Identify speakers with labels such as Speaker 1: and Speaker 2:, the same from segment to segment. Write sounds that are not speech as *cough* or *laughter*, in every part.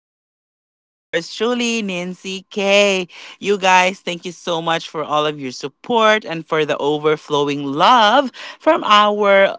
Speaker 1: Podcast with yours truly, Nancy K. You guys, thank you so much for all of your support and for the overflowing love from our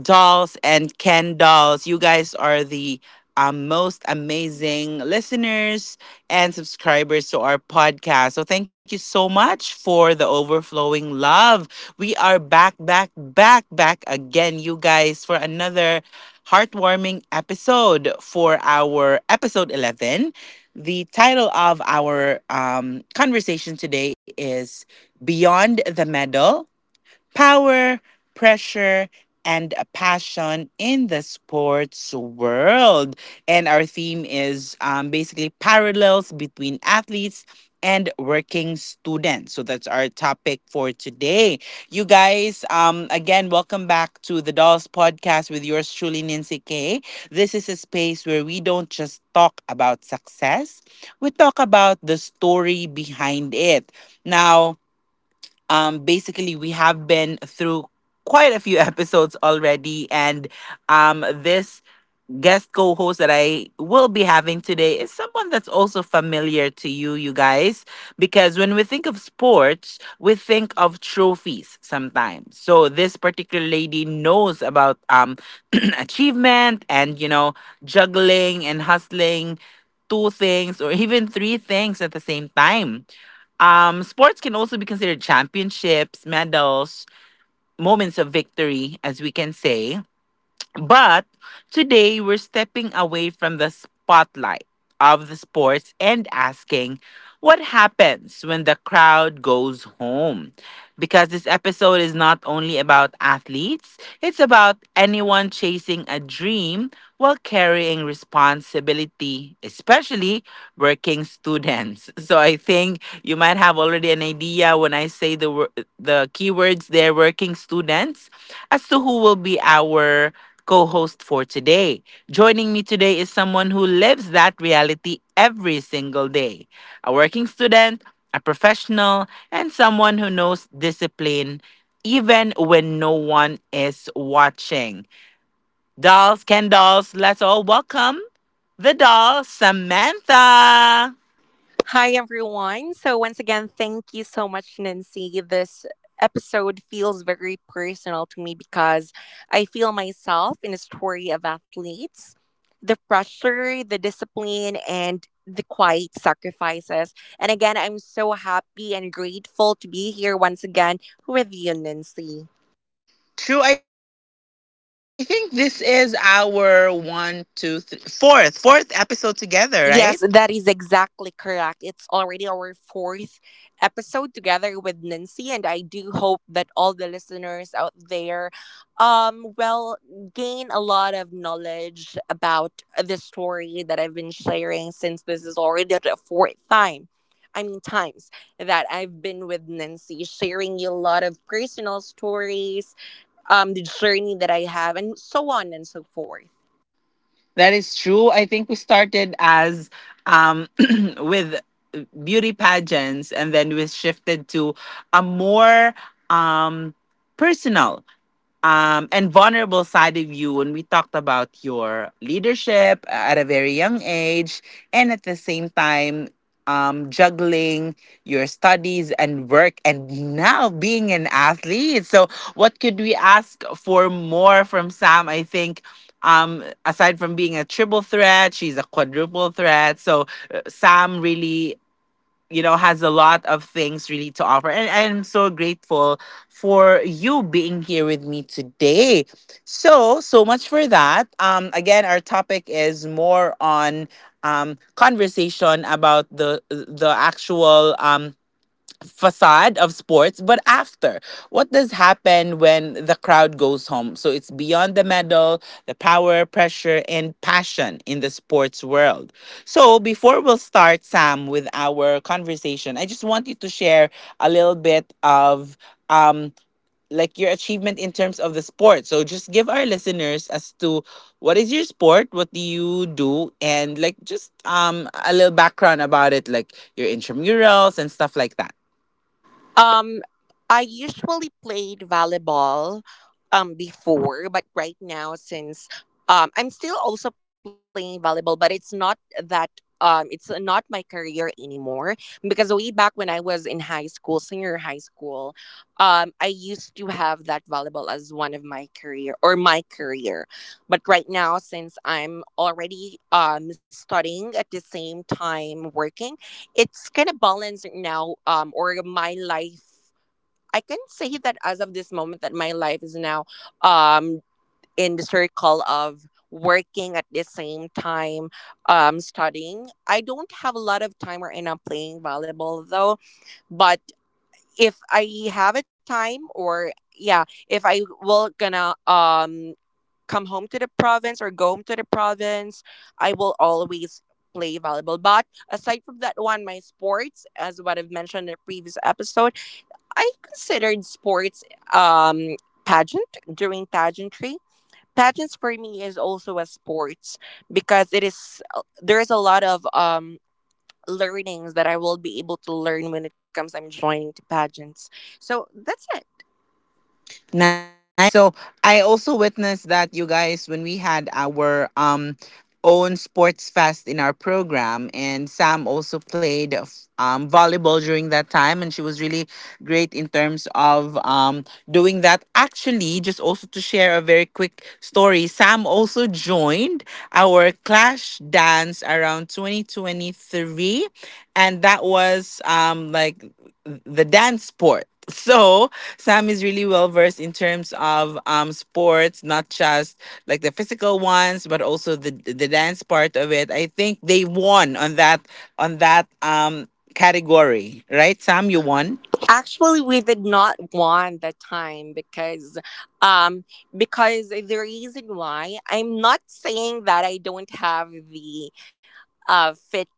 Speaker 1: dolls and Ken dolls. You guys are the most amazing listeners and subscribers to our podcast. So thank you so much for the overflowing love. We are back, back, back, back again, you guys, for another heartwarming episode for our episode 11. The title of our conversation today is Beyond the Medal, power, pressure, and a passion in the sports world. And our theme is basically parallels between athletes and working students. So that's our topic for today. You guys, again, welcome back to the Dolls Podcast with yours truly, Nancy K. This is a space where we don't just talk about success, we talk about the story behind it. Now, basically, we have been through quite a few *laughs* episodes already, and this guest co-host that I will be having today is someone that's also familiar to you guys, because when we think of sports, we think of trophies sometimes. So this particular lady knows about *clears throat* achievement and juggling and hustling two things or even three things at the same time. Sports can also be considered championships, medals, moments of victory, as we can say. But today we're stepping away from the spotlight of the sports and asking what happens when the crowd goes home. Because this episode is not only about athletes, it's about anyone chasing a dream while carrying responsibility, especially working students. *laughs* So I think you might have already an idea when I say the the keywords there, working students, as to who will be our co host for today. Joining me today is someone who lives that reality every single day, a working student, a professional, and someone who knows discipline even when no one is watching. Dolls, Ken Dolls, let's all welcome the doll, Samantha.
Speaker 2: Hi, everyone. So, once again, thank you so much, Nancy. This episode feels very personal to me because I feel myself in a story of athletes: the pressure, the discipline, and the quiet sacrifices. And again, I'm so happy and grateful to be here once again with you, Nancy.
Speaker 1: True, I think this is our one, two, three, fourth episode together, right?
Speaker 2: Yes, that is exactly correct. It's already our fourth episode together with Nancy, and I do hope that all the listeners out there, will gain a lot of knowledge about the story that I've been sharing since this is already the fourth time. I mean, times that I've been with Nancy, sharing you a lot of personal stories, the journey that I have, and so on and so forth.
Speaker 1: That is true. I think we started as um, *clears throat* with beauty pageants, and then we shifted to a more um, personal and vulnerable side of you when we talked about your leadership at a very young age and at the same time juggling your studies and work and now being an athlete. So, what could we ask for more from Sam, I think? Aside from being a triple threat, she's a quadruple threat. So Sam really has a lot of things really to offer, and I'm so grateful for you being here with me today, so so much for that. Again, our topic is more on conversation about the actual facade of sports, but after. What does happen when the crowd goes home? So it's beyond the medal, the power, pressure, and passion in the sports world. So before we'll start, Sam, with our conversation, I just want you to share a little bit of um like your achievement in terms of the sport. So just give our listeners as to what is your sport, what do you do, and like just a little background about it, like your intramurals and stuff like that.
Speaker 2: Um, I usually played volleyball before, but right now since I'm still also playing volleyball, but it's not that it's not my career anymore because way back when I was in high school, senior high school, I used to have that volleyball as one of my career or my career. But right now since I'm already studying at the same time working, it's kind of balanced now, or my life. I can say that as of this moment that my life is now um in the circle of working at the same time studying. I don't have a lot of time or end up playing volleyball though. But if I have a time, or yeah, if I will gonna come home to the province or go home to the province, I will always play volleyball. But aside from that one, my sports, as what I've mentioned in the previous episode, I considered sports um pageant during pageantry. Pageants for me is also a sports because it is, there is a lot of learnings that I will be able to learn when it comes I'm joining to pageants. So that's it.
Speaker 1: Nice. So I also witnessed that, you guys, when we had our own sports fest in our program, and Sam also played volleyball during that time, and she was really great in terms of doing that. Actually, just also to share a very quick story, Sam also joined our clash dance around 2023, and that was like the dance sport. *laughs* So Sam is really well versed in terms of sports, not just like the physical ones, but also the dance part of it. I think they won on that category, right? Sam, you won.
Speaker 2: Actually, we did not want the time um, because the reason why I'm not saying that I don't have the fit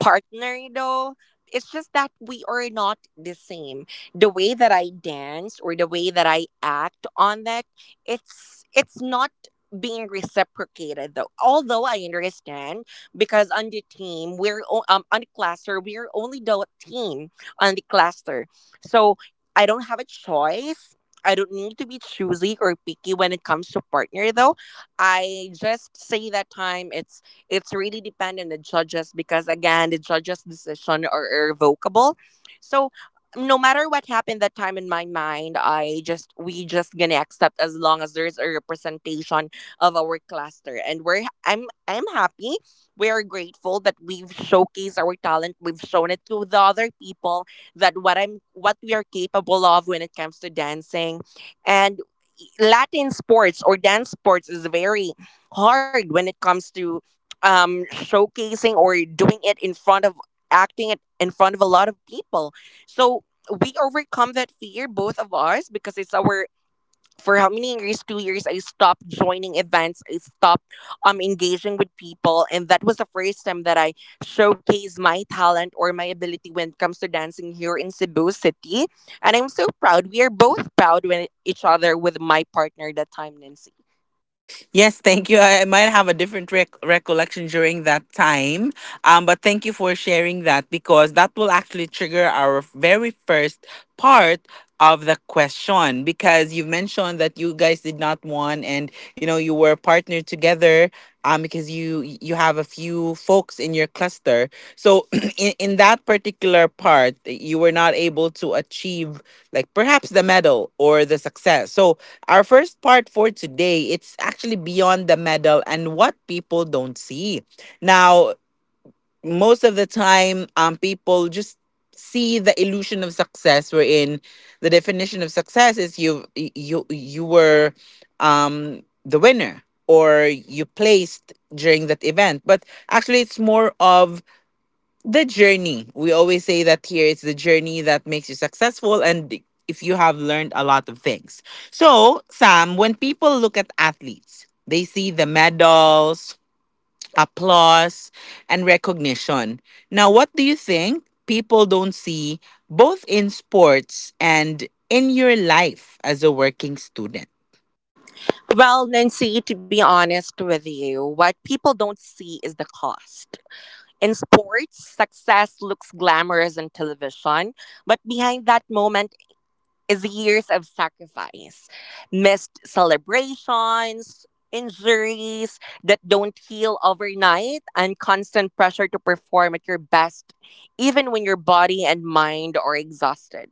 Speaker 2: partner though, it's just that we are not the same, the way that I dance or the way that I act on that, it's not being reciprocated though, although I understand because on the team we're on the cluster, we're only the team on the cluster. So I don't have a choice, I don't need to be choosy or picky when it comes to partner though. I just say that time it's really dependent on the judges because again, the judges' decision are irrevocable. So no matter what happened that time in my mind, I just we just gonna accept as long as there's a representation of our cluster. And we're I'm happy. We are grateful that we've showcased our talent. We've shown it to the other people that what we are capable of when it comes to dancing. And Latin sports or dance sports is very hard when it comes to, showcasing or doing it in front of acting it in front of a lot of people. So we overcome that fear, both of us, because it's our, for how many years? 2 years. I stopped joining events. I stopped engaging with people, and that was the first time that I showcased my talent or my ability when it comes to dancing here in Cebu City. And I'm so proud. We are both proud with each other, with my partner that time, Nancy.
Speaker 1: Yes, thank you. I might have a different recollection during that time. But thank you for sharing that, because that will actually trigger our very first part of the question, because you've mentioned that you guys did not want, and you know you were partnered together because you have a few folks in your cluster. So *clears throat* in that particular part, you were not able to achieve like perhaps the medal or the success. So our first part for today, it's actually beyond the medal and what people don't see. Now, most of the time, people just see the illusion of success, wherein the definition of success is you were the winner or you placed during that event. But actually it's more of the journey. We always say that here, it's the journey that makes you successful and if you have learned a lot of things. So, Sam, when people look at athletes, they see the medals, applause, and recognition. Now, what do you think people don't see, both in sports and in your life as a working student?
Speaker 2: Well, Nancy, to be honest with you, what people don't see is the cost. In sports, success looks glamorous in television, but behind that moment is years of sacrifice, missed celebrations, injuries that don't heal overnight, and constant pressure to perform at your best, even when your body and mind are exhausted.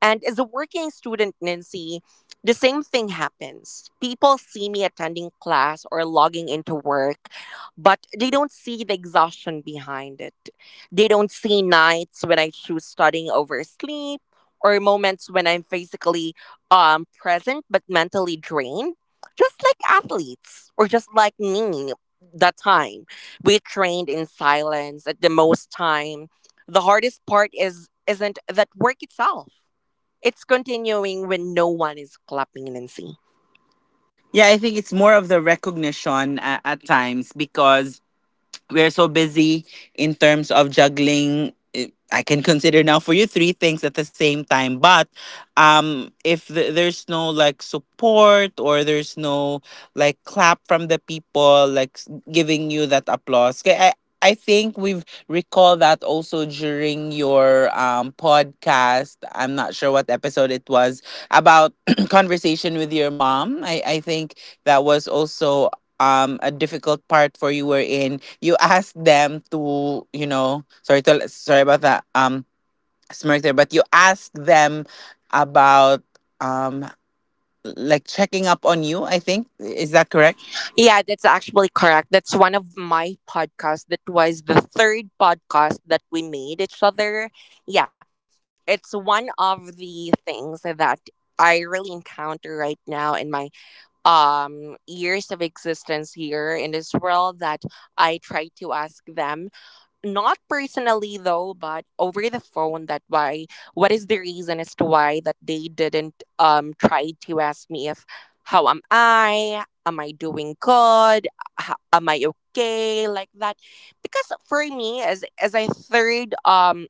Speaker 2: And as a working student, Nancy, the same thing happens. People see me attending class or logging into work, but they don't see the exhaustion behind it. They don't see nights when I choose studying over sleep, or moments when I'm physically present but mentally drained. Just like athletes, or just like me that time. We trained in silence at the most time. The hardest part is isn't that work itself. It's continuing when no one is clapping, Nancy.
Speaker 1: Yeah, I think it's more of the recognition at times, because we're so busy in terms of juggling, eh, I can consider now for you three things at the same time. But if there's no like support or there's no like clap from the people, like giving you that applause, 'kay, I think we've recalled that also during your podcast, I'm not sure what episode it was, about *clears throat* conversation with your mom. I think that was also a difficult part for you, wherein you asked them to, you know, sorry about that smirk there, but you asked them about um like checking up on you. I think, is that correct?
Speaker 2: Yeah, that's actually correct. That's one of my podcasts. That was the third podcast that we made each other. Yeah, it's one of the things that I really encounter right now in my years of existence here in this world, that I try to ask them, not personally though, but over the phone, that why, what is the reason as to why that they didn't try to ask me if how am I doing good, am I okay, like that. Because for me, as a third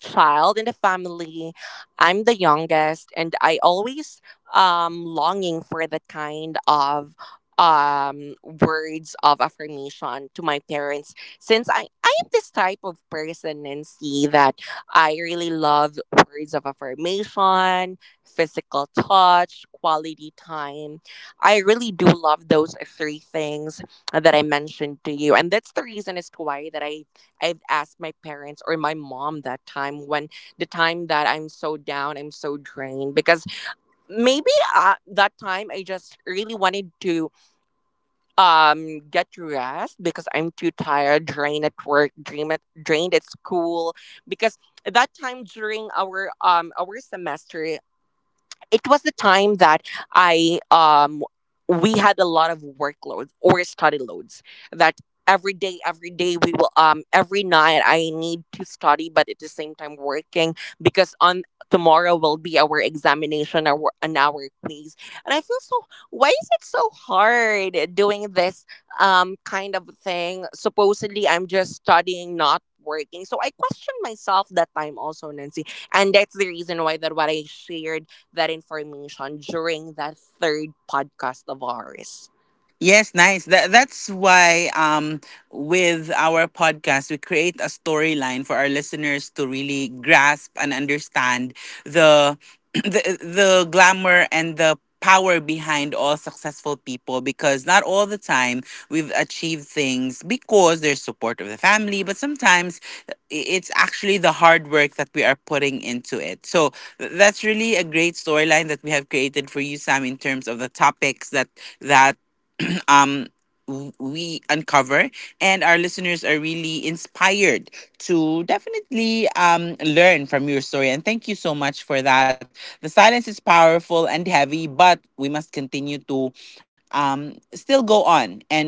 Speaker 2: child in the family. I'm the youngest, and I always longing for that kind of words of affirmation to my parents, since I am this type of person, Nancy, that I really love words of affirmation, physical touch, quality time. I really do love those three things that I mentioned to you, and that's the reason as to why that I've asked my parents or my mom that time, when the time that I'm so down, I'm so drained, because maybe, that time I just really wanted to get rest because I'm too tired, drained at work, drained at school, because that time during our semester, it was the time that I we had a lot of workloads or study loads, that every day we will, every night I need to study but at the same time working, because on tomorrow will be our examination, our an hour quiz. And I feel so, why is it so hard doing this kind of thing, supposedly I'm just studying not working? So I questioned myself that time also, Nancy. And that's the reason why that what I shared that information during that third podcast of ours.
Speaker 1: Yes, nice. That's why, with our podcast, we create a storyline for our listeners to really grasp and understand the *clears throat* the glamour and the power behind all successful people, because not all the time we've achieved things because there's support of the family, but sometimes it's actually the hard work that we are putting into it. So that's really a great storyline that we have created for you, Sam, in terms of the topics that um we uncover, and our listeners are really inspired to definitely learn from your story, and thank you so much for that. The silence is powerful and heavy, but we must continue to still go on and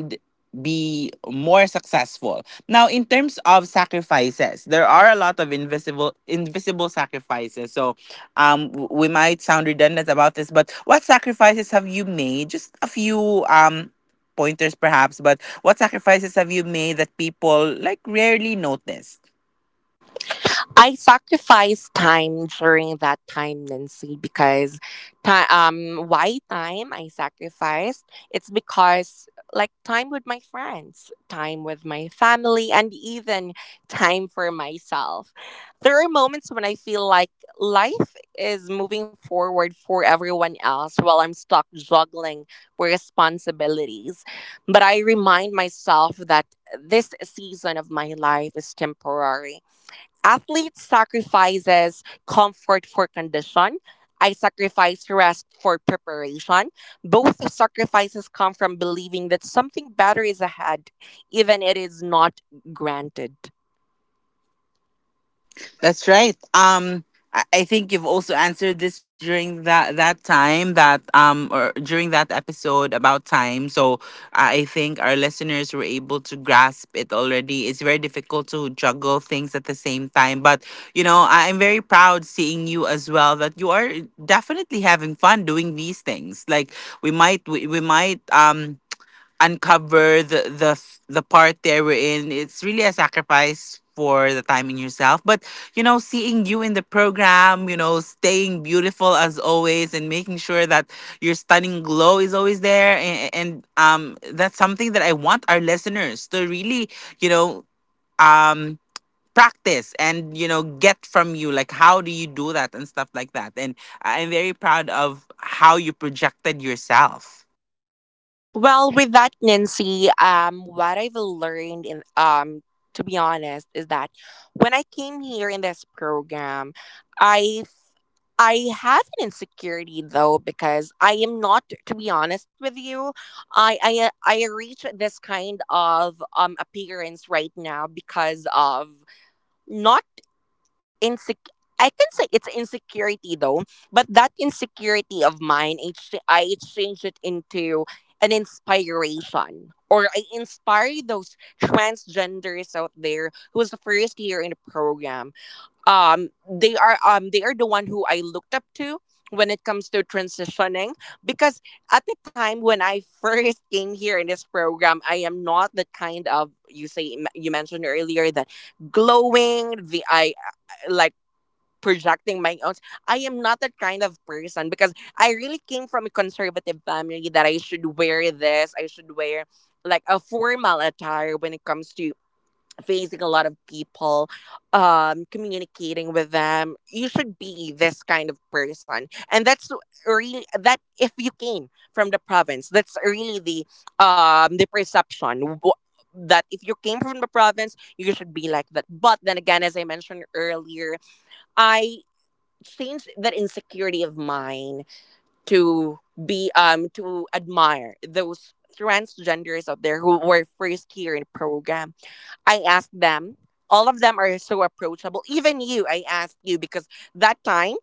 Speaker 1: be more successful. Now, in terms of sacrifices, there are a lot of invisible sacrifices. So we might sound redundant about this, but what sacrifices have you made, just a few pointers perhaps, but what sacrifices have you made that people like rarely noticed?
Speaker 2: I sacrificed time during that time, Nancy, because, why time I sacrificed? It's because, like, time with my friends, time with my family, and even time for myself. There are moments when I feel like life is moving forward for everyone else while I'm stuck juggling responsibilities. But I remind myself that this season of my life is temporary. Athlete sacrifices comfort for condition. I sacrifice rest for preparation. Both sacrifices come from believing that something better is ahead, even it is not granted.
Speaker 1: That's right. I think you've also answered this during that time that or during that episode about time. So I think our listeners were able to grasp it already. It's very difficult to juggle things at the same time, but you know, I'm very proud seeing you as well, that you are definitely having fun doing these things. Like, we might uncover the the part there we're in. It's really a sacrifice for the time in yourself. But you know, seeing you in the program, you know, staying beautiful as always, and making sure that your stunning glow is always there, and that's something that I want our listeners to really, you know, um practice and you know get from you, like how do you do that and stuff like that. And I'm very proud of how you projected yourself.
Speaker 2: Well, with that, Nancy, what I've learned in, to be honest, is that when I came here in this program, I f- I have an insecurity though, because I am not, to be honest with you, I reach this kind of appearance right now because of not, insec- I can say it's insecurity though, but that insecurity of mine, I exchange it into an inspiration. Or I inspire those transgenders out there who was the first year in the program. They are the one who I looked up to when it comes to transitioning, because at the time when I *laughs* first came here in this program, I am not the kind of, you mentioned earlier, that glowing, the I like projecting my own. I am not that kind of person because I really came from a conservative family, that I should wear this, I should wear like a formal attire when it comes to facing a lot of people, communicating with them. You should be this kind of person. And that's really that if you came from the province, that's really the perception. That if you came from the province, you should be like that. But then again, as I mentioned earlier, I change that insecurity of mine to, be to admire those transgenders out there who were first here in the program. I asked them. All of them are so approachable. Even you, I asked you because that time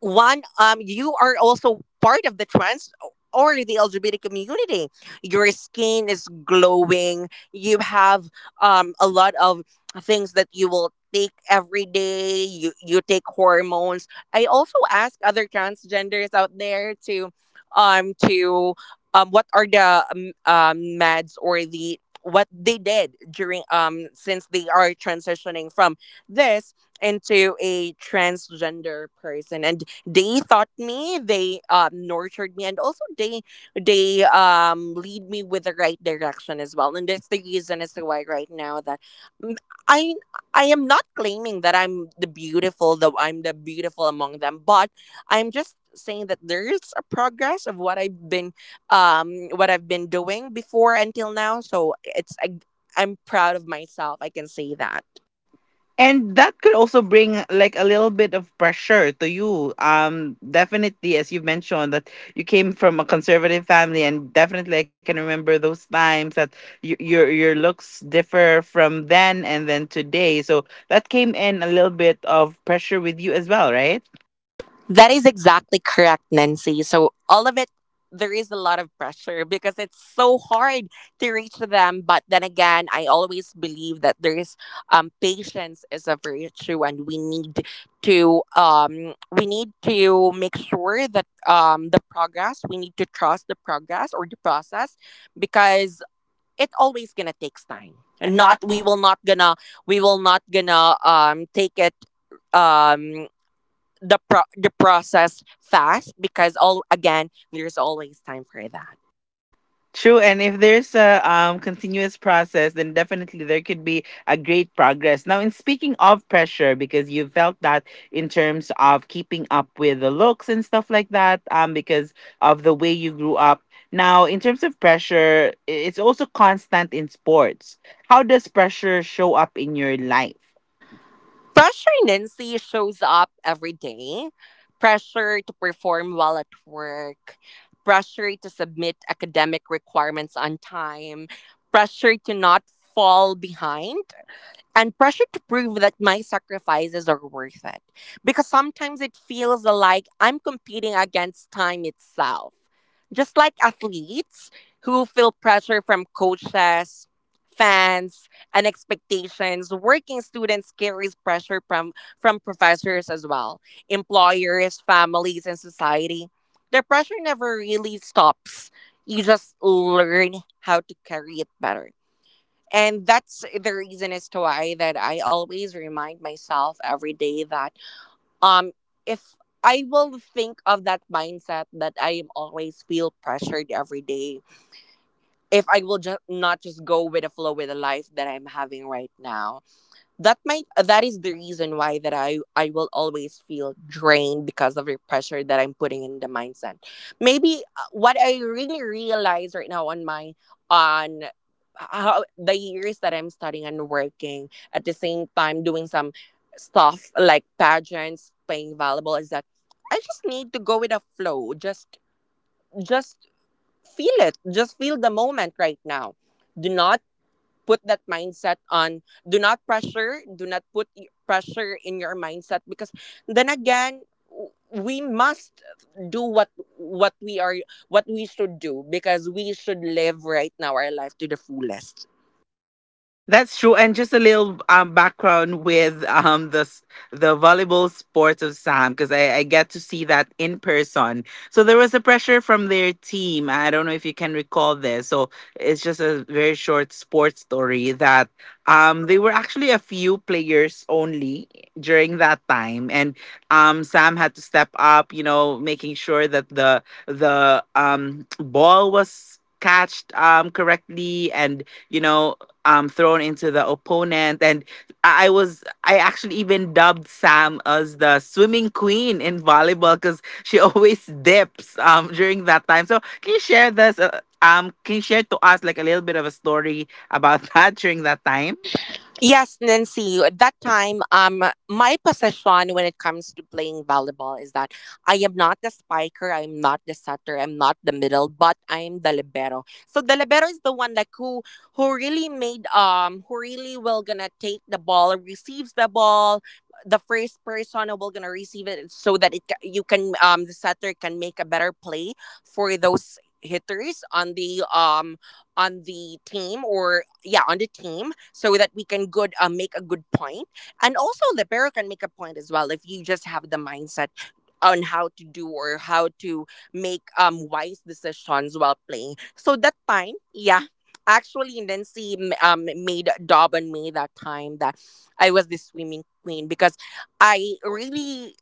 Speaker 2: one you are also part of the trans or the lgbt community. Your skin is glowing, you have a lot of things that you will take every day, you take hormones. I also ask other transgenders out there to what are the meds or the what they did during, since they are transitioning from this into a transgender person, and they taught me, they nurtured me, and also they lead me with the right direction as well. And that's the reason as to why right now that, mm, i I am not claiming that I'm the beautiful though I'm the beautiful among them, but I'm just saying that there is a progress of what I've been, what I've been doing before until now. So I'm proud of myself, I can say that.
Speaker 1: And that could also bring like a little bit of pressure to you, definitely, as you mentioned that you came from a conservative family, and definitely I can remember those times that your looks differ from then and then today. So that came in a little bit of pressure with you as well, right?
Speaker 2: That is exactly correct, Nancy. So all of it, there is a lot of pressure because it's so hard to reach them. But then again, I always believe that there is patience is a virtue, and we need to make sure that, the progress, we need to trust the progress or the process, because it always gonna takes time, and not, we will not gonna take it, um the process fast, because all again there's always time for that.
Speaker 1: True, and if there's a, continuous process, then definitely there could be a great progress. Now, in speaking of pressure, because you felt that in terms of keeping up with the looks and stuff like that, because of the way you grew up. Now, in terms of pressure, it's also constant in sports. How does pressure show up in your life?
Speaker 2: Pressure, Nancy, shows up every day. Pressure to perform well at work. Pressure to submit academic requirements on time. Pressure to not fall behind. And pressure to prove that my sacrifices are worth it. Because sometimes it feels like I'm competing against time itself. Just like athletes who feel pressure from coaches, fans, and expectations, working students carries pressure from professors as well, employers, families, and society. The pressure never really stops. You just learn how to carry it better. And that's the reason as to why that I always remind myself every day that, um if I will think of that mindset that I am always feel pressured every day. If I will just not just go with the flow with the life that I'm having right now, that is the reason why that I will always feel drained because of the pressure that I'm putting in the mindset. Maybe, what I really realize right now on my on how the years that I'm studying and working at the same time, doing some stuff like pageants, playing volleyball, is that I just need to go with a flow. Just feel it, just feel the moment right now. Do not put that mindset on. Do not pressure, do not put pressure in your mindset, because then again, we must do what we are, what we should do, because we should live right now our life to the fullest.
Speaker 1: That's true. And just a little background with, the, the volleyball sports of Sam, because I get to see that in person. So there was a pressure from their team. I don't know if you can recall this. So it's just a very short sports story that they were actually a few players only during that time. And Sam had to step up, you know, making sure that the ball was catched correctly and you know thrown into the opponent. And I actually even dubbed Sam as the swimming queen in volleyball because she *laughs* always dips during that time. So can you share this can you share to us like a little bit of a story about *laughs* that during that time?
Speaker 2: Yes, Nancy. At that time, my position when it comes to playing volleyball is that I am not the spiker, I am not the setter, I'm not the middle, but I'm the libero. So the libero is the one, like, who really will gonna take the ball, receives the ball. The first person who will gonna receive it so that it ca- you can the setter can make a better play for those hitters on the team or yeah, on the team, so that we can good make a good point, and also the pair can make a point as well, if you just have the mindset on how to do, or how to make wise decisions while playing. So that time, yeah, actually Nancy made a dub on me that time that I was the swimming queen, because I really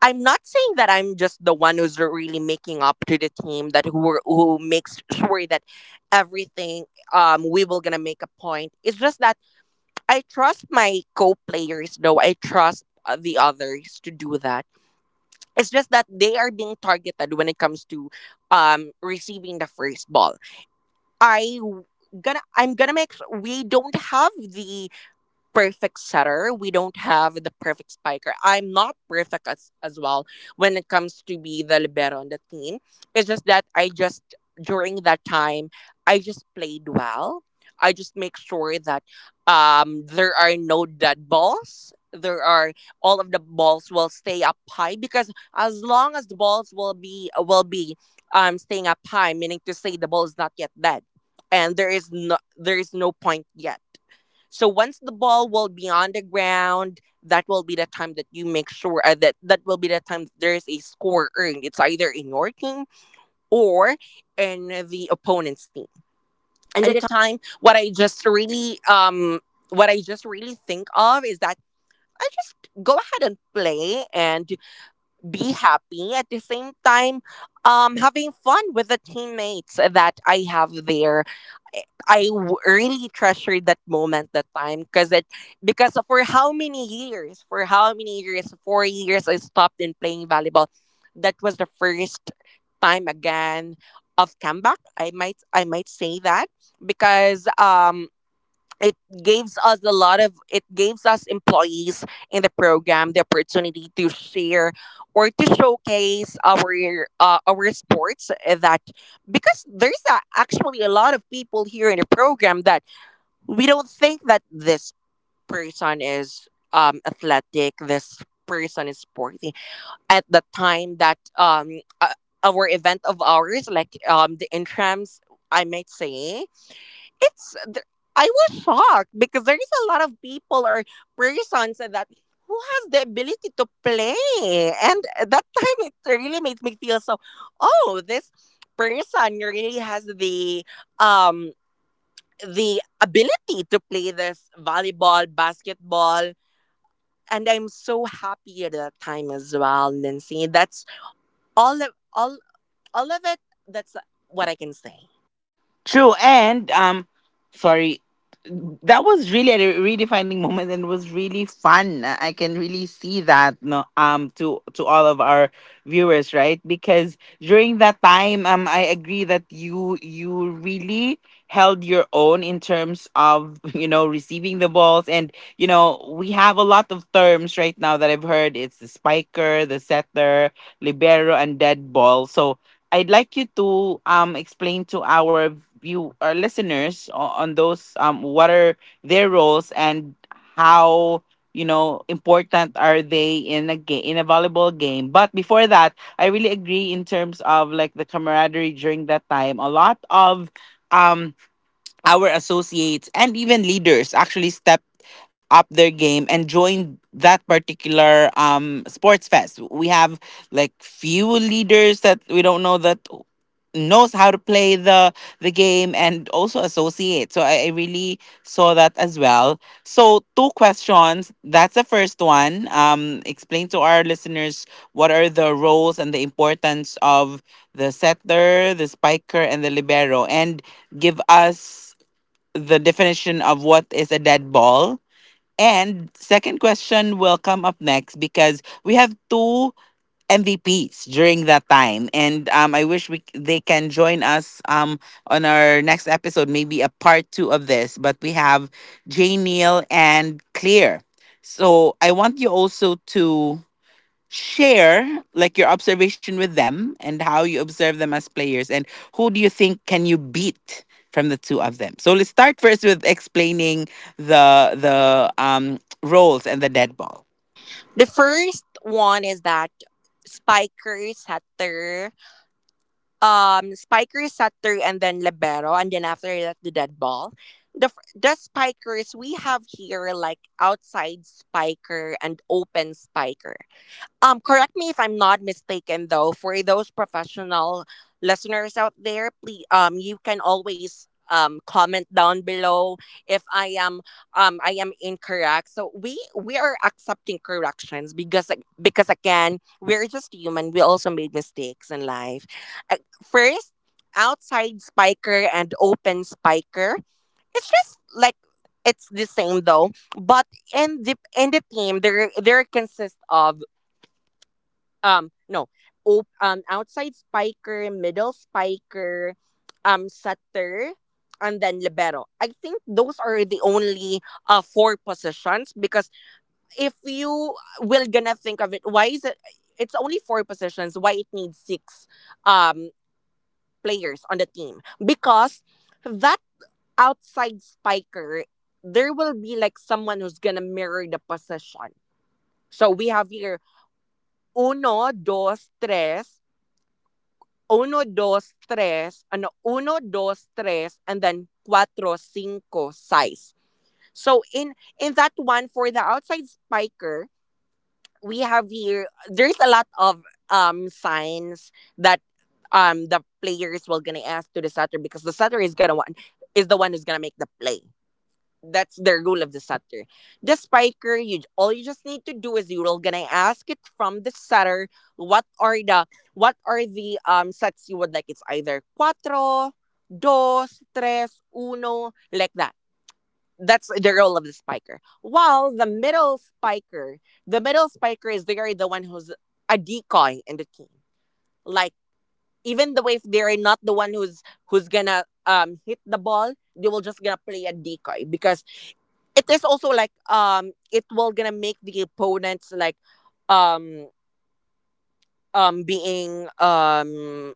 Speaker 2: I'm not saying that I'm just the one who's really making up to the team, who makes sure that everything, we will gonna make a point. It's just that I trust my co-players though. I trust, the others to do that. It's just that they are being targeted when it comes to receiving the first ball. I w- I'm gonna make sure we don't have the perfect setter. We don't have the perfect spiker. I'm not perfect as well when it comes to be the libero on the team. It's just that I just during that time I just played well. I just make sure that, there are no dead balls. There are All of the balls will stay up high, because as long as the balls will be staying up high, meaning to say the ball is not yet dead, and there is no point yet. So once the ball will be on the ground, that will be the time that you make sure, that that will be the time that there is a score earned. It's either in your team, or in the opponent's team.
Speaker 1: And
Speaker 2: And
Speaker 1: the
Speaker 2: the time, what I just really think of is that I just go ahead and play, and be happy at the same time, having fun with the teammates that I have there. I really treasured that moment, that time, because it because for how many years, 4 years I stopped in playing volleyball. That was the first time again of comeback, I might say that, because it it gives us employees in the program the opportunity to share or to showcase our sports, that, because actually a lot of people here in the program that we don't think that this person is, athletic, this person is sporty. At the time that uh, our event of ours, like, the intrams, I might say, it's th- I was shocked because there is a lot of people, or persons, that who has the ability to play. And at that time it really made me feel so. Oh, this person really has um the ability to play this volleyball, basketball, and I'm so happy at that time as well, Nancy. That's all of all all of it. That's what I can say.
Speaker 1: True, and sorry, that was really a redefining *laughs* moment and was really fun. I can really see that, no, to all of our viewers, right? Because during that time, I agree that you really held your own in terms of *laughs* you know receiving the balls. And you know, we have a lot of terms right now that I've heard. It's the spiker, the setter, libero, and dead ball. So I'd like you to explain to our listeners on those what are their roles and how, you know, important are they in a volleyball game. But before that, I really agree in terms of like the camaraderie during that time. A lot of um our associates and even leaders actually stepped up their game and joined that particular sports fest. We have like few leaders that we don't know that knows how to play the game, and also associate. So I really saw that as well. So two questions. That's the first one. Um, explain to our listeners what are the roles and the importance of the setter, the spiker and the libero, and give us the definition of what is a dead ball. And second question will come up next because we have two MVPs during that time, and I wish we they can join us on our next episode, maybe a part two of this. But we have Jay Neal and Clear, so I want you also to share like your observation with them and how you observe them as players, and who do you think can you beat from the two of them. So let's start first with explaining the roles and the dead ball.
Speaker 2: The first one is that, spiker, setter. Spiker, setter, and then libero. And then after that, the dead ball. The spikers we have here, like, outside spiker and open spiker. Correct me if I'm not mistaken, though. For those professional listeners out there, please, you can always comment down below if I am incorrect. So we are accepting corrections, because again, we're just human. We also made mistakes in life. Uh, First, outside spiker and open spiker. It's just like it's the same though, but in the team, there consists of no op- outside spiker, middle spiker, setter, and then libero. I think those are the only four positions, because if you will gonna think of it, why is it it's only four positions, why it needs six um players on the team, because that outside spiker, there will be like someone who's gonna mirror the position. So we have here uno, dos, tres, uno, dos, tres, ano, uno, dos, tres, and then cuatro, cinco, size. So in that one, for the outside spiker, we have here there's a lot of signs that, the players will gonna ask to the setter, because the setter is the one who's gonna make the play. That's the rule of the setter. The spiker, you just need to do is you're gonna ask it from the setter, what are the what are the sets you would like. It's either cuatro, dos, tres, uno, like that. That's the role of the spiker. While the middle spiker is, they are the one who's a decoy in the team. Like, even though if they are not the one who's gonna hit the ball, they will just gonna play a decoy, because it is also like, it will gonna make the opponents like, um being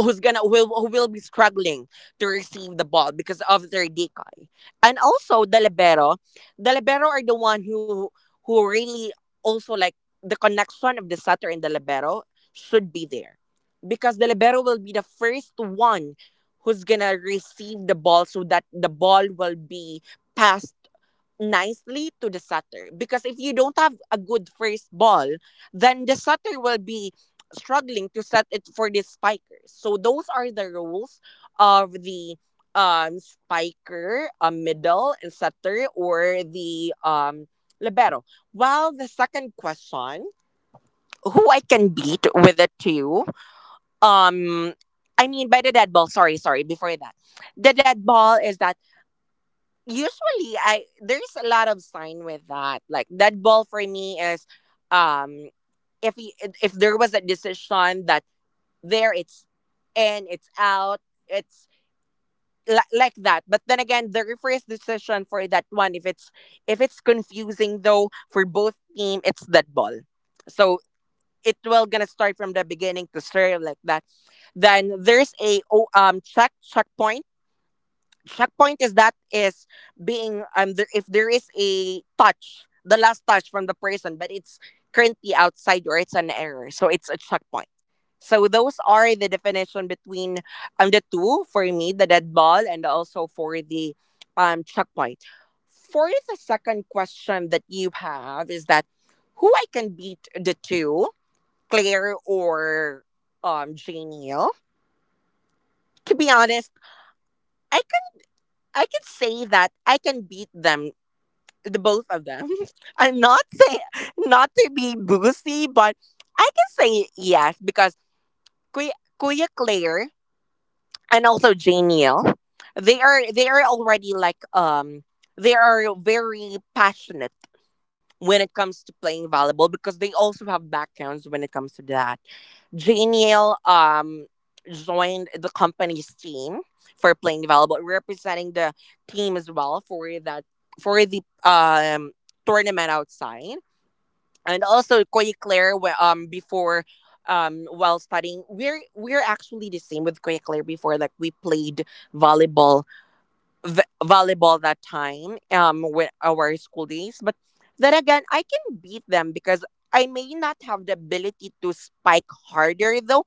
Speaker 2: who's gonna will who will be struggling to receive the ball, because of their decoy. And also the libero are the one who really also, like, the connection of the setter and the libero should be there, because the libero will be the first one who's gonna receive the ball, so that the ball will be passed nicely to the setter, because if you don't have a good first ball, then the setter will be struggling to set it for the spikers. So those are the rules of the, spiker, a middle and setter, or the, libero. While the second question, who I can beat with a two, um I mean by the dead ball, sorry, before that. The dead ball is that, usually I there's a lot of sign with that. Like, that ball for me is, um if he, if there was a decision, that, there, it's in, it's out, it's like that. But then again, the referee's decision for that one, if it's confusing though for both team, it's that ball. So it will gonna start from the beginning to serve, like that. Then there's a checkpoint. Checkpoint is that is being the, if there is a touch, the last touch from the person, but it's currently outside, or it's an error, so it's a checkpoint. So those are the definition between the two for me, the dead ball, and also for the checkpoint. For the second question that you have is that who I can beat the two, Claire or Genial. To be honest, I I can say that I can beat them, the both of them. *laughs* I'm not saying not to be boozy, but I can say yes because Kuya, Kuya Claire, and also Janiel, they are already like, they are very passionate when it comes to playing volleyball, because they also have backgrounds when it comes to that. Jane Yale joined the company's team for playing volleyball, representing the team as well for that, for the tournament outside. And also Koy Claire before, while studying, we're actually the same with Koy Claire before, like we played volleyball, volleyball that time, with our school days. But then again, I can beat them, because I may not have the ability to spike harder, though,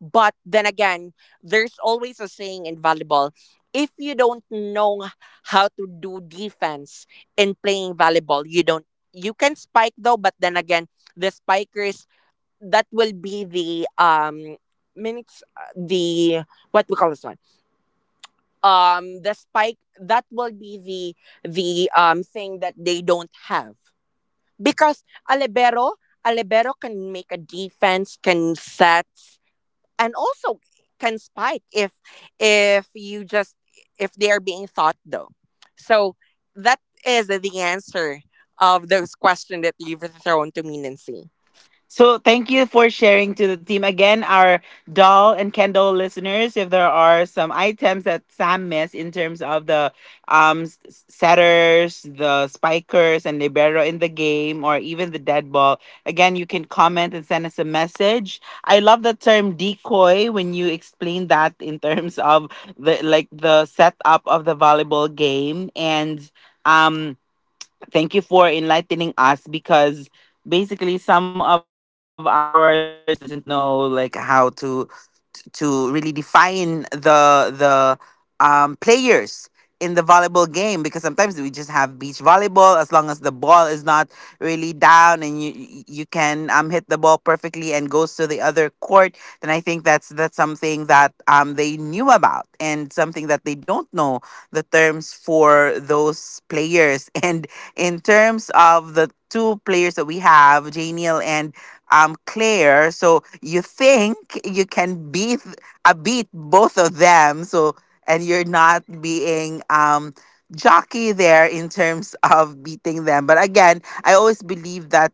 Speaker 2: but then again, there's always a saying in volleyball: if you don't know how to do defense in playing volleyball, you don't, you can spike, though, but then again, the spikers, that will be the minutes, the what we call this one, the spike, that will be the thing that they don't have, because a libero a libero can make a defense, can set, and also can spike if you just, if they are being thought, though. So that is the answer of those questions that you've thrown to me, Nancy.
Speaker 1: So thank you for sharing to the team again, our doll and Kendall listeners. If there are some items that Sam missed in terms of the um s- setters, the spikers, and libero in the game, or even the dead ball, again you can comment and send us a message. I love the term decoy when you explain that in terms of the like the setup of the volleyball game. And um, thank you for enlightening us because basically some of our listeners doesn't know like how to really define the players in the volleyball game, because sometimes we just have beach volleyball as long as the ball is not really down and you can hit the ball perfectly and goes to the other court. Then I think that's something that they knew about, and something that they don't know the terms for those players *laughs* and in terms of the two players that we have, Janiel and clear. So you think you can beat beat both of them. So and you're not being jockey there in terms *laughs* of beating them. But again, I always believe that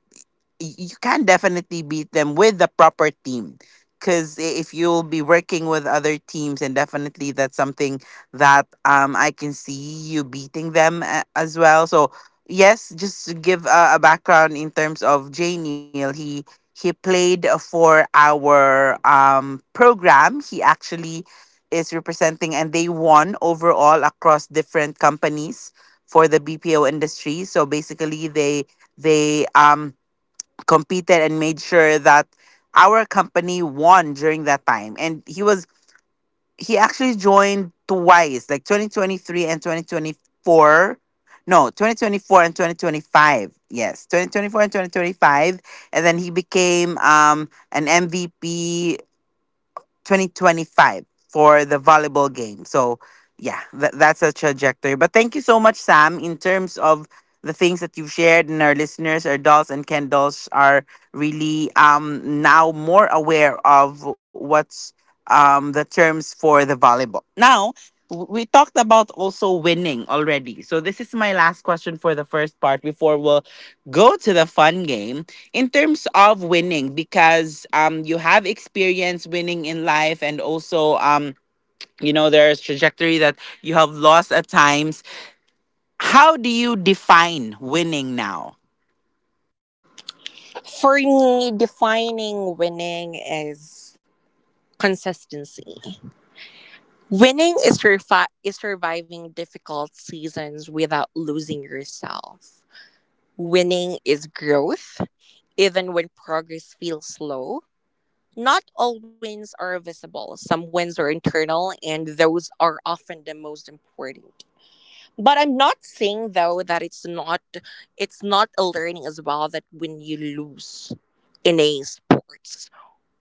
Speaker 1: you can definitely beat them with the proper team, because if you'll be working with other teams, and definitely that's something that I can see you beating them as well. So yes, just to give a background in terms of Jay Neal, he played for our program. He actually is representing, and they won overall across different companies for the BPO industry. So basically they competed and made sure that our company won during that time. And he actually joined twice, like 2023 and 2024. No, 2024 and 2025. Yes, 2024 and 2025. And then he became an MVP 2025 for the volleyball game. So, yeah, that's a trajectory. But thank you so much, Sam, in terms of the things that you've shared, and our listeners, our dolls and Ken dolls are really now more aware of what's the terms for the volleyball. Now, we talked about also winning already. So this is my last question for the first part before we'll go to the fun game, in terms of winning, because you have experience winning in life, and also you know there's trajectory that you have lost at times. How do you define winning now?
Speaker 2: For me, defining winning is consistency. Winning is, surviving difficult seasons without losing yourself. Winning is growth, even when progress feels slow. Not all wins are visible. Some wins are internal, and those are often the most important. But I'm not saying, though, that it's not, it's not a learning as well, that when you lose in a sports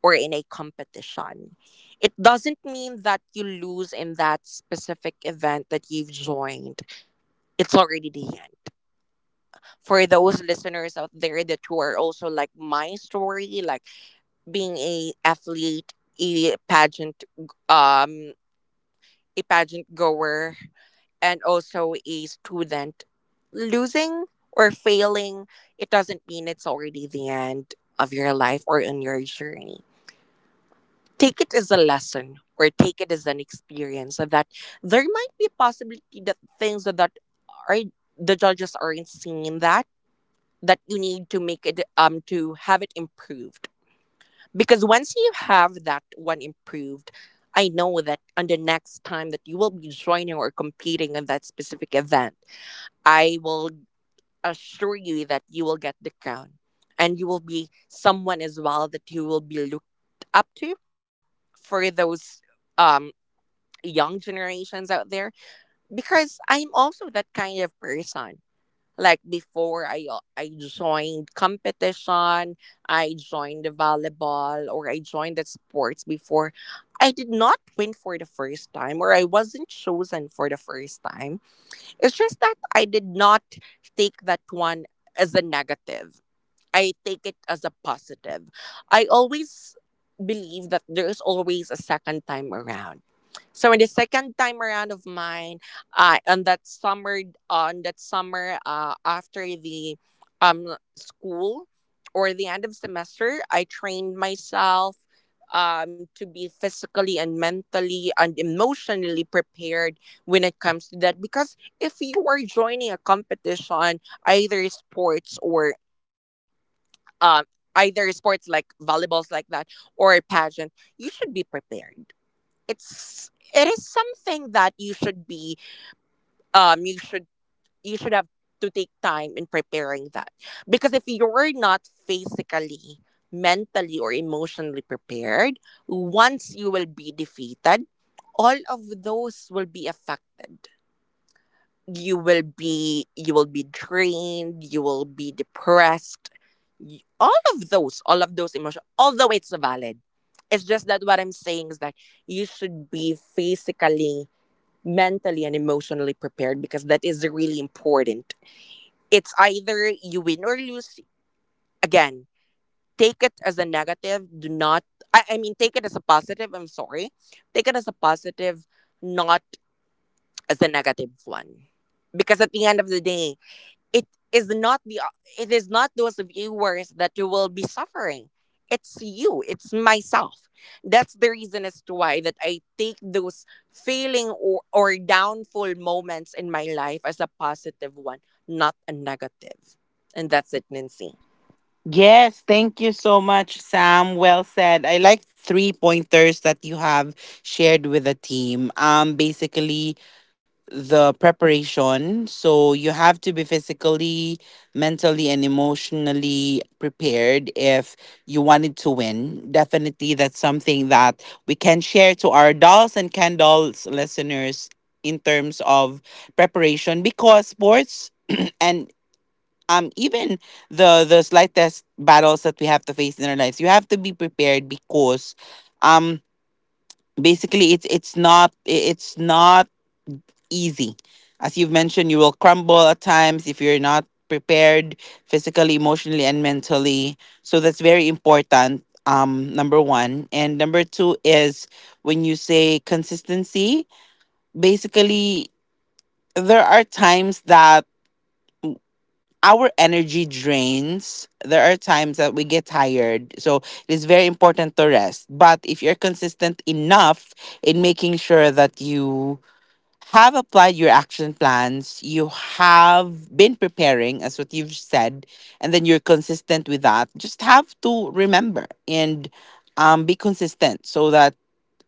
Speaker 2: or in a competition. It doesn't mean that you lose in that specific event that you've joined. It's already the end. For those listeners out there that who are also like my story, like being a athlete, a pageant, um, a pageant goer, and also a student, losing or failing, it doesn't mean it's already the end of your life or in your journey. Take it as a lesson or take it as an experience, of that there might be a possibility that things that are, the judges aren't seeing that, that you need to make it, to have it improved, because once you have that one improved, I know that on the next time that you will be joining or competing in that specific event, I will assure you that you will get the crown, and you will be someone as well that you will be looked up to, for those um, young generations out there, because I'm also that kind of person. Like before I joined competition, I joined the volleyball or I joined the sports before, I did not win for the first time or I wasn't chosen for the first time. It's just that I did not take that one as a negative. I take it as a positive. I always believe that there is always a second time around. So in the second time around of mine, on that summer, on that summer, after the school or the end of semester, I trained myself to be physically and mentally and emotionally prepared when it comes to that, because if you are joining a competition, either sports or um either sports like volleyballs like that, or a pageant, you should be prepared. it's it is something that you should be, um you should you should have to take time in preparing that, because if you're not physically, mentally, or emotionally prepared, once you will be defeated, all of those will be affected. You will be drained, you will be depressed, all of those emotions, although it's valid. It's just that what I'm saying is that you should be physically, mentally, and emotionally prepared, because that is really important. It's either you win or lose. Again, take it as a negative, do not, I mean, take it as a positive, I'm sorry. Take it as a positive, not as a negative one, because at the end of the day, it is not the, it is not those viewers that you will be suffering, it's you, it's myself. That's the reason as to why that I take those failing, or downfall moments in my life as a positive one, not a negative. And that's it, Nancy.
Speaker 1: Yes, thank you so much, Sam. Well said. I like three pointers that you have shared with the team. Um, basically the preparation. So you have to be physically, mentally, and emotionally prepared if you wanted to win. Definitely, that's something that we can share to our dolls and candles listeners in terms of preparation, because sports *clears throat* and even the slightest battles that we have to face in our lives, you have to be prepared, because um basically it's not easy. As you've mentioned, you will crumble at times if you're not prepared physically, emotionally, and mentally. So that's very important. Number one. And number two is when you say consistency, basically, there are times that our energy drains. There are times that we get tired. So it is very important to rest. But if you're consistent enough in making sure that you have applied your action plans, you have been preparing, as what you've said, and then you're consistent with that, just have to remember and be consistent so that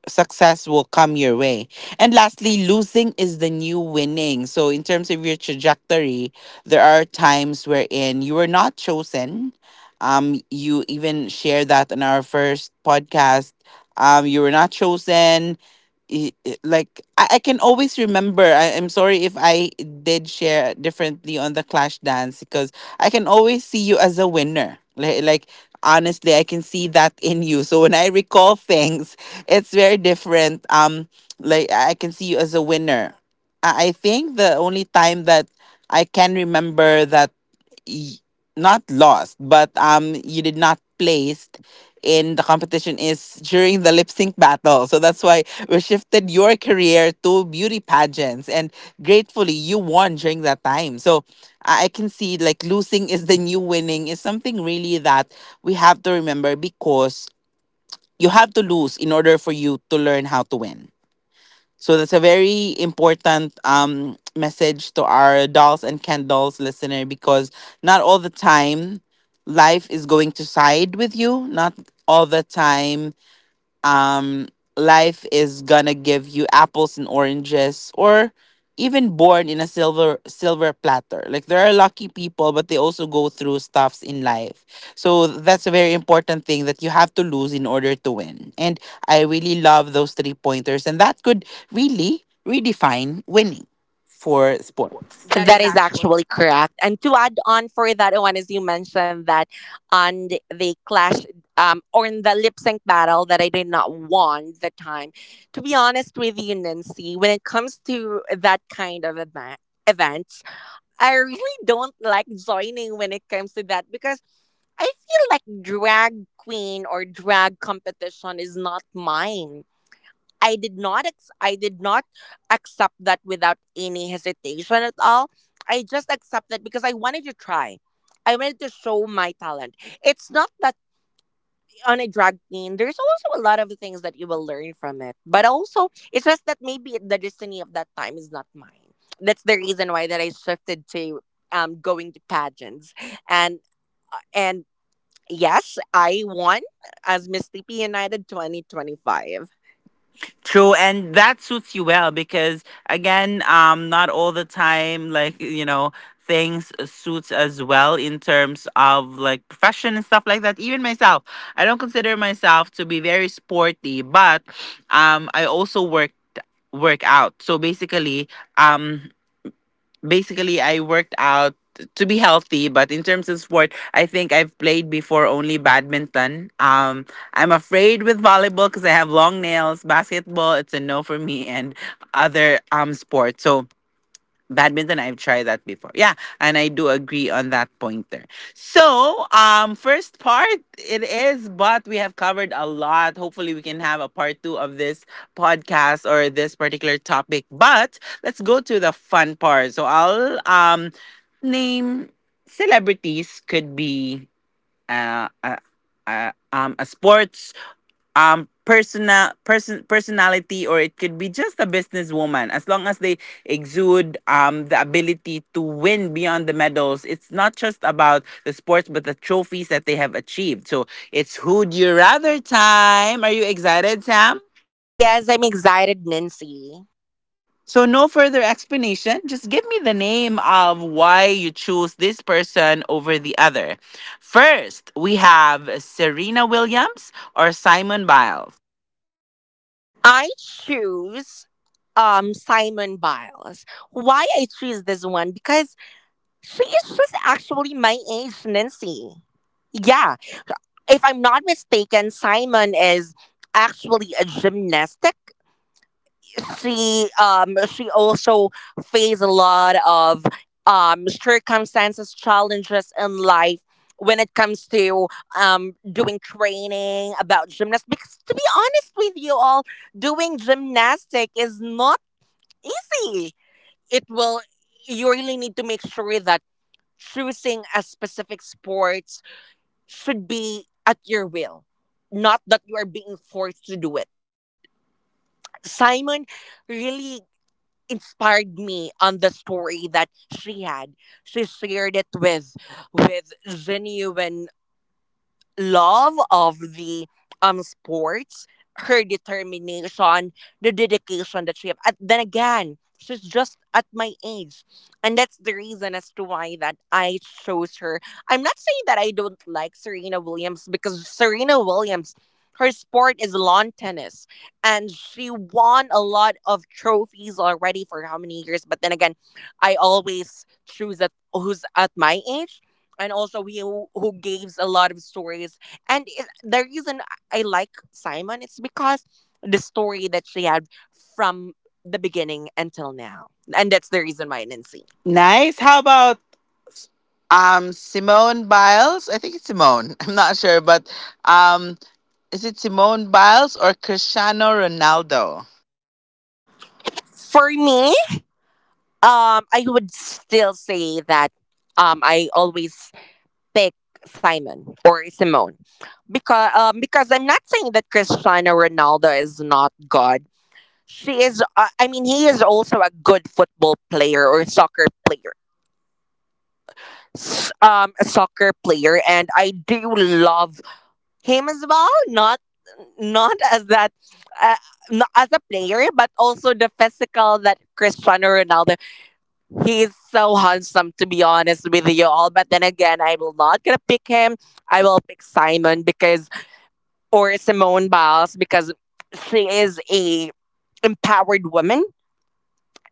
Speaker 1: success will come your way. And lastly, losing is the new winning. So, in terms of your trajectory, there are times wherein you were not chosen. You even shared that in our first podcast. You were not chosen, like I can always remember. I'm sorry if I did share differently on the clash dance, because I can always see you as a winner. Like honestly, I can see that in you. So when I recall *laughs* things, it's very different um. Like I can see you as a winner. I think the only time that I can remember that y- not lost, but you did not placed in the competition is during the lip sync battle. So that's why we shifted your career to beauty pageants, and gratefully you won during that time. So I can see, like losing is the new winning, is something really that we have to remember, because you have to lose in order for you to learn how to win. So that's a very important message to our dolls and candles listener, because not all the time life is going to side with you. Not all the time um, life is gonna give you apples and oranges, or even born in a silver platter. Like there are lucky people, but they also go through stuffs in life. So that's a very important thing, that you have to lose in order to win. And I really love those three pointers, and that could really redefine winning for sport.
Speaker 2: That is actually correct. And to add on for that one, as you mentioned that on the clash, or in the lip sync battle, that I did not want the time. To be honest with you, Nancy, when it comes to that kind of events, I really don't like joining when it comes to that, because I feel like drag queen or drag competition is not mine. I did not accept that without any hesitation at all. I just accepted because I wanted to try. I wanted to show my talent. It's not that on a drag queen, there's also a lot of things that you will learn from it. But also, it's just that maybe the destiny of that time is not mine. That's the reason why that I shifted to going to pageants, and and yes, I won as Miss TP United 2025.
Speaker 1: True, and that suits you well, because again, not all the time, like you know, things suits as well in terms of like profession and stuff like that. Even myself, I don't consider myself to be very sporty, but I also work out. So basically, um, I worked out to be healthy, but in terms of sport, I think I've played before only badminton. I'm afraid with volleyball because I have long nails. Basketball, it's a no for me, and other sports. So badminton, I've tried that before. Yeah, and I do agree on that pointer. So, first part it is, but we have covered a lot. Hopefully, we can have a part two of this podcast or this particular topic. But let's go to the fun part. So I'll name celebrities. Could be uh, uh, a sports personality, or it could be just a businesswoman, as long as they exude the ability to win beyond the medals. It's not just about the sports, but the trophies that they have achieved. So it's who'd you rather time. Are you excited, Sam?
Speaker 2: Yes, I'm excited, Nancy.
Speaker 1: So no further explanation, just give me the name of why you choose this person over the other. First we have Serena Williams or Simone Biles.
Speaker 2: I choose Simon Biles. Why I choose this one? Because she is just actually my age, Nancy. Yeah. If I'm not mistaken, Simon is actually a gymnast. She also faced a lot of circumstances, challenges in life when it comes to doing training about gymnastics, because to be honest with you all, doing gymnastic is not easy. It will, you really need to make sure that choosing a specific sports should be at your will, not that you are being forced to do it. Simon really inspired me on the story that she had. She shared it with genuine of the sports, her determination, the dedication that she have. At, then again, she's just at my age, and that's the reason as to why that I chose her. I'm not saying that I don't like Serena Williams, because Serena Williams, her sport is lawn tennis, and she won a lot of trophies already for how many years. But then again, I always choose at who's at my age, and also he who gives a lot of stories. And it, the reason I like Simon is because the story that she had from the beginning until now,
Speaker 1: And that's
Speaker 2: and
Speaker 1: the re-
Speaker 2: that's the reason why, Nancy.
Speaker 1: Nice. How about Simone Biles. I think it's Simone. *laughs* I'm not sure, but um is it Simone Biles or Cristiano Ronaldo?
Speaker 2: For me, I would still say that I always pick Simon or Simone, because I'm not saying that Cristiano Ronaldo is not God. She is. I mean, he is also a good football player or soccer player, a soccer player, and I do love him as well, not as that, uh, not as a player, but also the physical, that Cristiano Ronaldo, he is so handsome, to be honest with you all. But then again, I will not gonna pick him. I will pick Simon, because, or Simone Biles, because she is a empowered woman,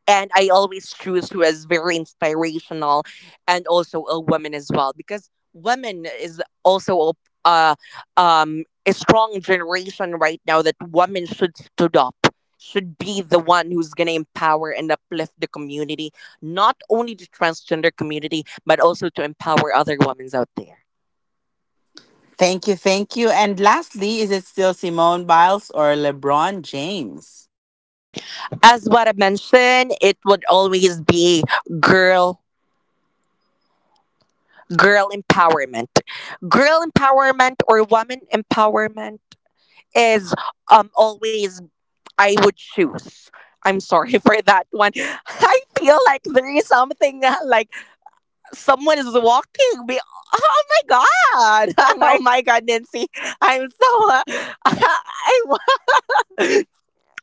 Speaker 2: and I always choose who is very inspirational, and also a woman as well, because women is also a uh, a strong generation right now, that women should stood up, should be the one who's going to empower and uplift the community, not only the transgender community, but also to empower other women out there.
Speaker 1: Thank you, thank you. And lastly, is it still Simone Biles or LeBron James?
Speaker 2: As what I mentioned, it would always be girl girl empowerment. Girl empowerment or woman empowerment is always I would choose. I'm sorry *laughs* for that one. I feel like there is something that, like someone is walking. Oh my god!
Speaker 1: Oh
Speaker 2: *laughs*
Speaker 1: my.
Speaker 2: Oh my god, Nancy! I'm so *laughs* I wa-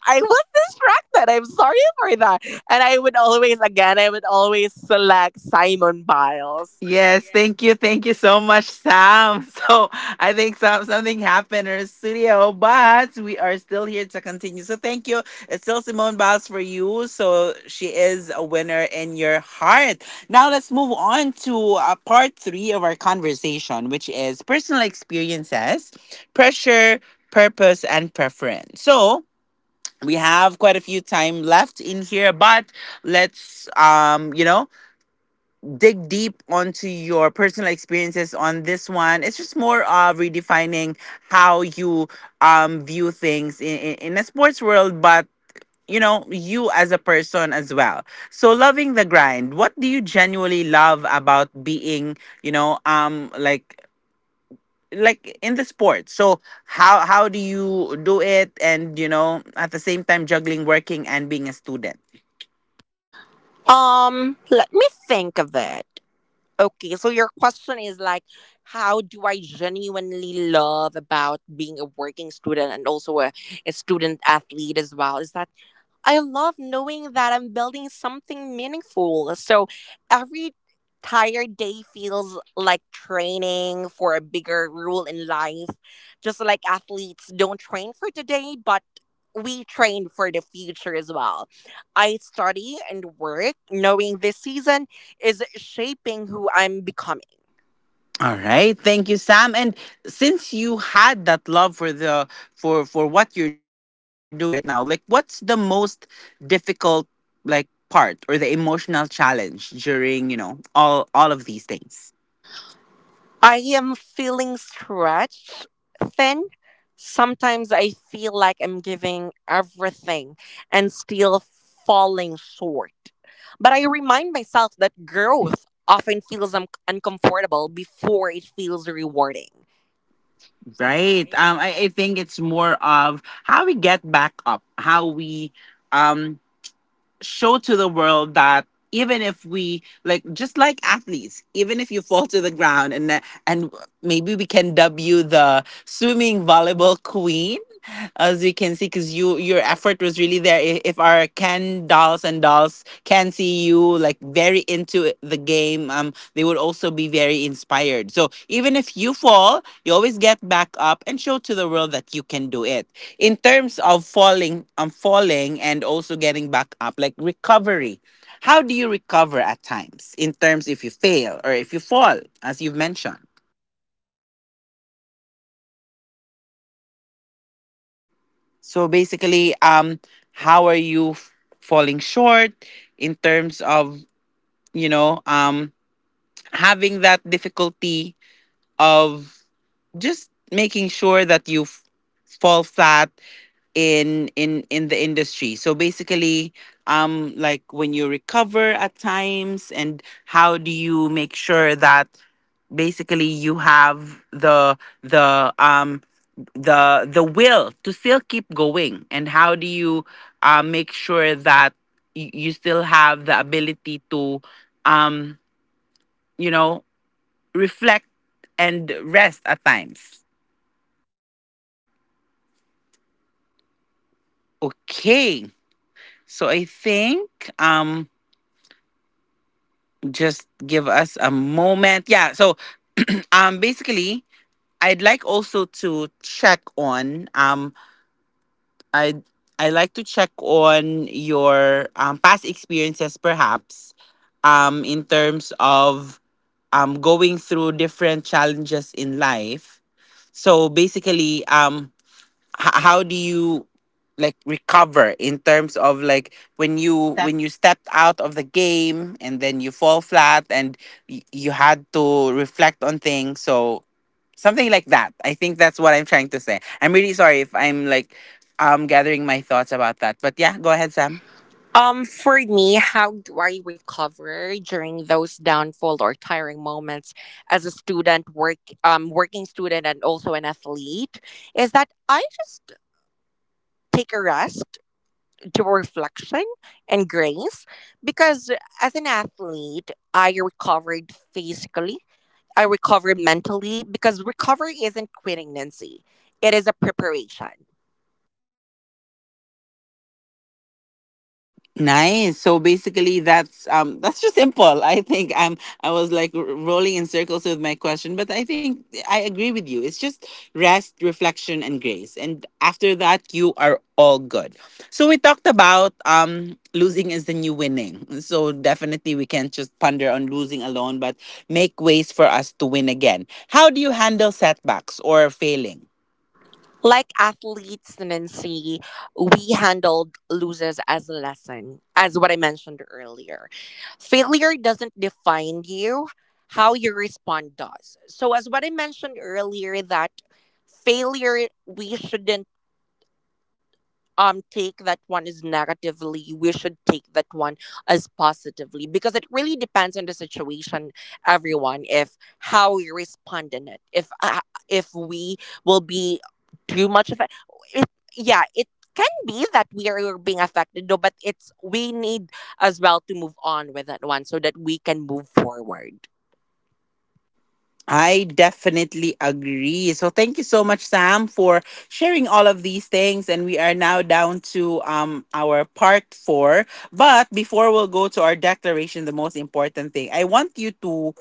Speaker 2: I was distracted. I'm sorry for that. And I would always, again, I would always select Simon Biles.
Speaker 1: Yes, thank you. Thank you so much, Sam. *laughs* So I think something happened in the studio, but we are still here to continue. So thank you. It's still Simone Biles for you. So she is a winner in your heart. Now let's move on to part three of our conversation, which is personal experiences, pressure, purpose, and preference. So we have quite a few time left in here, but let's dig deep onto your personal experiences on this one. It's just more of redefining how you view things in a sports world, but you know, you as a person as well. So loving the grind. What do you genuinely love about being, you know, um like like in the sport. So how do you do it and you know, at the same time juggling working and being a student?
Speaker 2: Let me think of it. Okay, so your question is like, how do I genuinely love about being a working student, and also a student athlete as well? Is that I love knowing that I'm building something meaningful. So every tired day feels like training for a bigger rule in life. Just like athletes don't train for today, but we train for the future as well. I study and work knowing this season is shaping who I'm becoming.
Speaker 1: All right, thank you, Sam. And since you had that love for the for what you're doing right now, like what's the most difficult like part or the emotional challenge during you know all of these things?
Speaker 2: I am feeling stretched thin. Sometimes I feel like I'm giving everything and still falling short. But I remind myself that growth often feels uncomfortable before it feels rewarding.
Speaker 1: Right. I think it's more of how we get back up, how we um show to the world that even if we like just like athletes even if you fall to the ground and maybe we can dub you the swimming volleyball queen as we can see because you your effort was really there if our ken dolls and dolls can see you like very into the game they would also be very inspired so even if you fall you always get back up and show to the world that you can do it in terms of falling falling and also getting back up like recovery how do you recover at times in terms if you fail or if you fall as you've mentioned. So basically, how are you falling short in terms of you know having that difficulty of just making sure that you fall flat in the industry. So basically, like when you recover at times, and how do you make sure that basically you have the will to still keep going and how do you make sure that you still have the ability to um you know reflect and rest at times. Okay, so I think just give us a moment, yeah. So basically, I'd like also to check on I I like to check on your past experiences, perhaps, in terms of going through different challenges in life. So basically, how do you like recover in terms of like when you stepped out of the game and then you fall flat and you had to reflect on things. So something like that. I think that's what I'm trying to say. I'm really sorry if I'm like gathering my thoughts about that. But yeah, go ahead, Sam.
Speaker 2: For me, how do I recover during those downfall or tiring moments as a student, work, working student, and also an athlete? Is that I just take a rest, do reflection and grace, because as an athlete, I recovered physically, I recovered mentally, because recovery isn't quitting, Nancy. It is a preparation.
Speaker 1: Nice. So basically, that's just simple. I think I was like rolling in circles with my question, but I think I agree with you. It's just rest, reflection, and grace, and after that, you are all good. So we talked about losing is the new winning. So definitely, we can't just ponder on losing alone, but make ways for us to win again. How do you handle setbacks or failing?
Speaker 2: Like athletes, Nancy, we handled losers as a lesson, as what I mentioned earlier. Failure doesn't define you, how you respond does. So, as what I mentioned earlier, that failure, we shouldn't take that one as negatively, we should take that one as positively because it really depends on the situation, everyone, if how we respond in it. If if we will be too much of it, yeah, it can be that we are being affected though, but it's we need as well to move on with that one so that we can move forward.
Speaker 1: I definitely agree. So thank you so much, Sam, for sharing all of these things. And we are now down to our part four. But before we'll go to our declaration, the most important thing, I want you to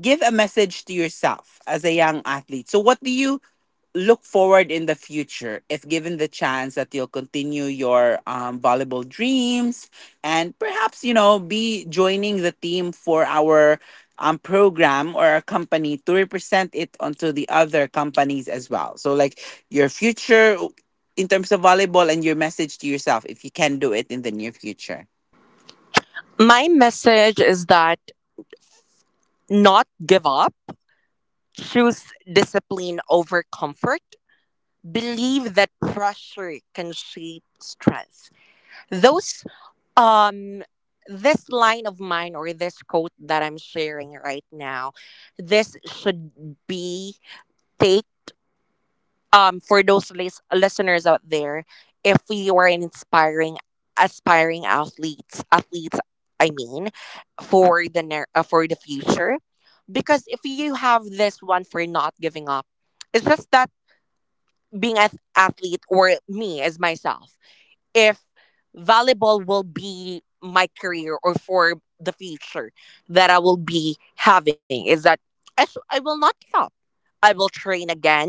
Speaker 1: give a message to yourself as a young athlete. So what do you look forward in the future if given the chance that you'll continue your volleyball dreams and perhaps you know be joining the team for our program or our company to represent it onto the other companies as well, so like your future in terms of volleyball and your message to yourself if you can do it in the near future.
Speaker 2: My message is that not give up, choose discipline over comfort, believe that pressure can shape strength. Those um this line of mine or this quote that I'm sharing right now, this should be take for those listeners out there. If you are an inspiring aspiring athletes, athletes, I mean, for the for the future, because if you have this one for not giving up, it's just that being an athlete or me as myself, if volleyball will be my career or for the future that I will be having, is that I will not stop. I will train again,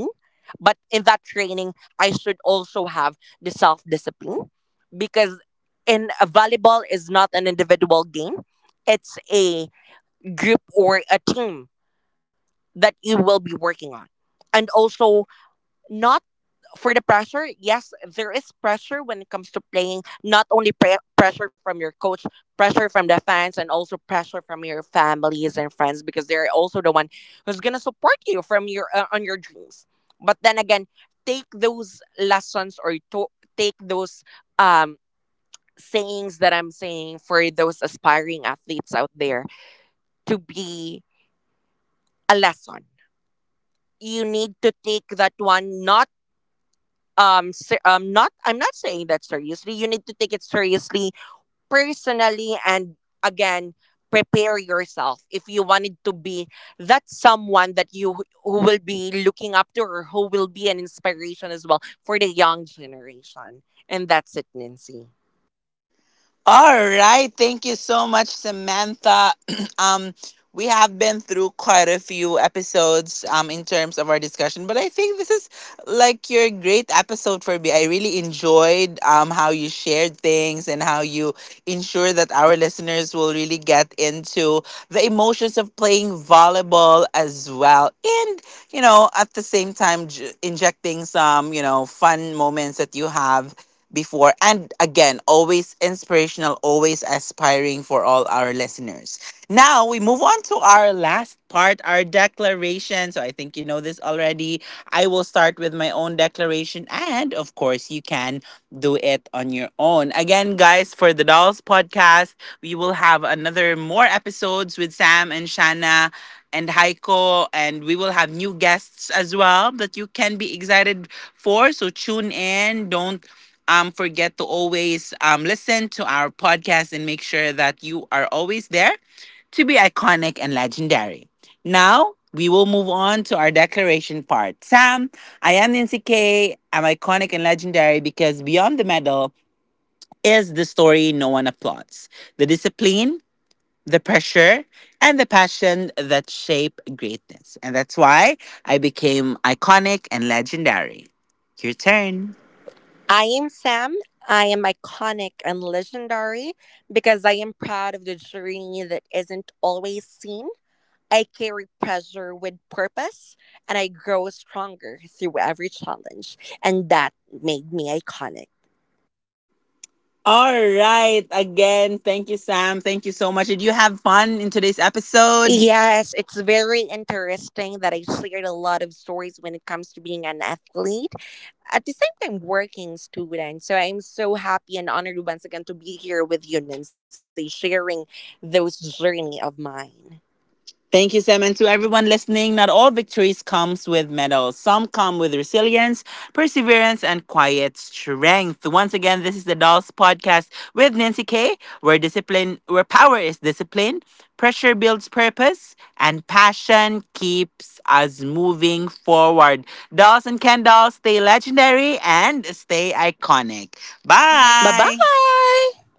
Speaker 2: but in that training, I should also have the self discipline, because in a volleyball is not an individual game; it's a group or a team that you will be working on, and also not for the pressure. Yes, there is pressure when it comes to playing. Not only pressure from your coach, pressure from the fans, and also pressure from your families and friends, because they're also the one who's gonna support you from your on your dreams. But then again, take those lessons or take those um sayings that I'm saying for those aspiring athletes out there to be a lesson. You need to take that one not not, I'm not saying that seriously, you need to take it seriously, personally, and again, prepare yourself if you wanted to be that someone that you who will be looking up to or who will be an inspiration as well for the young generation. And that's it, Nancy.
Speaker 1: All right. Thank you so much, Samantha. *clears throat* um, we have been through quite a few episodes in terms of our discussion, but I think this is like your great episode for me. I really enjoyed how you shared things and how you ensure that our listeners will really get into the emotions of playing volleyball as well. And, you know, at the same time, injecting some, you know, fun moments that you have before. And again, always inspirational, always aspiring for all our listeners. Now we move on to our last part, our declaration. So I think you know this already. I will start with my own declaration, and of course, you can do it on your own. Again, guys, for the Dolls podcast, we will have another more episodes with Sam and Shanna and Heiko, and we will have new guests as well that you can be excited for. So tune in. Don't forget to always listen to our podcast and make sure that you are always there to be iconic and legendary. Now, we will move on to our declaration part. Sam, I am Nancy K. I'm iconic and legendary because beyond the medal is the story no one applauds, the discipline, the pressure, and the passion that shape greatness. And that's why I became iconic and legendary. Your turn.
Speaker 2: I am Sam. I am iconic and legendary because I am proud of the journey that isn't always seen. I carry pressure with purpose and I grow stronger through every challenge. And that made me iconic.
Speaker 1: All right. Again, thank you, Sam. Thank you so much. Did you have fun in today's episode?
Speaker 2: Yes, it's very interesting that I shared a lot of stories when it comes to being an athlete. At the same time, working student. So I'm so happy and honored once again to be here with you, Nancy, sharing those journey of mine.
Speaker 1: Thank you, Sam. And to everyone listening, not all victories comes with medals. Some come with resilience, perseverance, and quiet strength. Once again, this is the Dolls Podcast with Nancy K, where discipline, where power is discipline, pressure builds purpose, and passion keeps us moving forward. Dolls and Ken Dolls, stay legendary and stay iconic.
Speaker 2: Bye
Speaker 1: Bye.
Speaker 2: bye.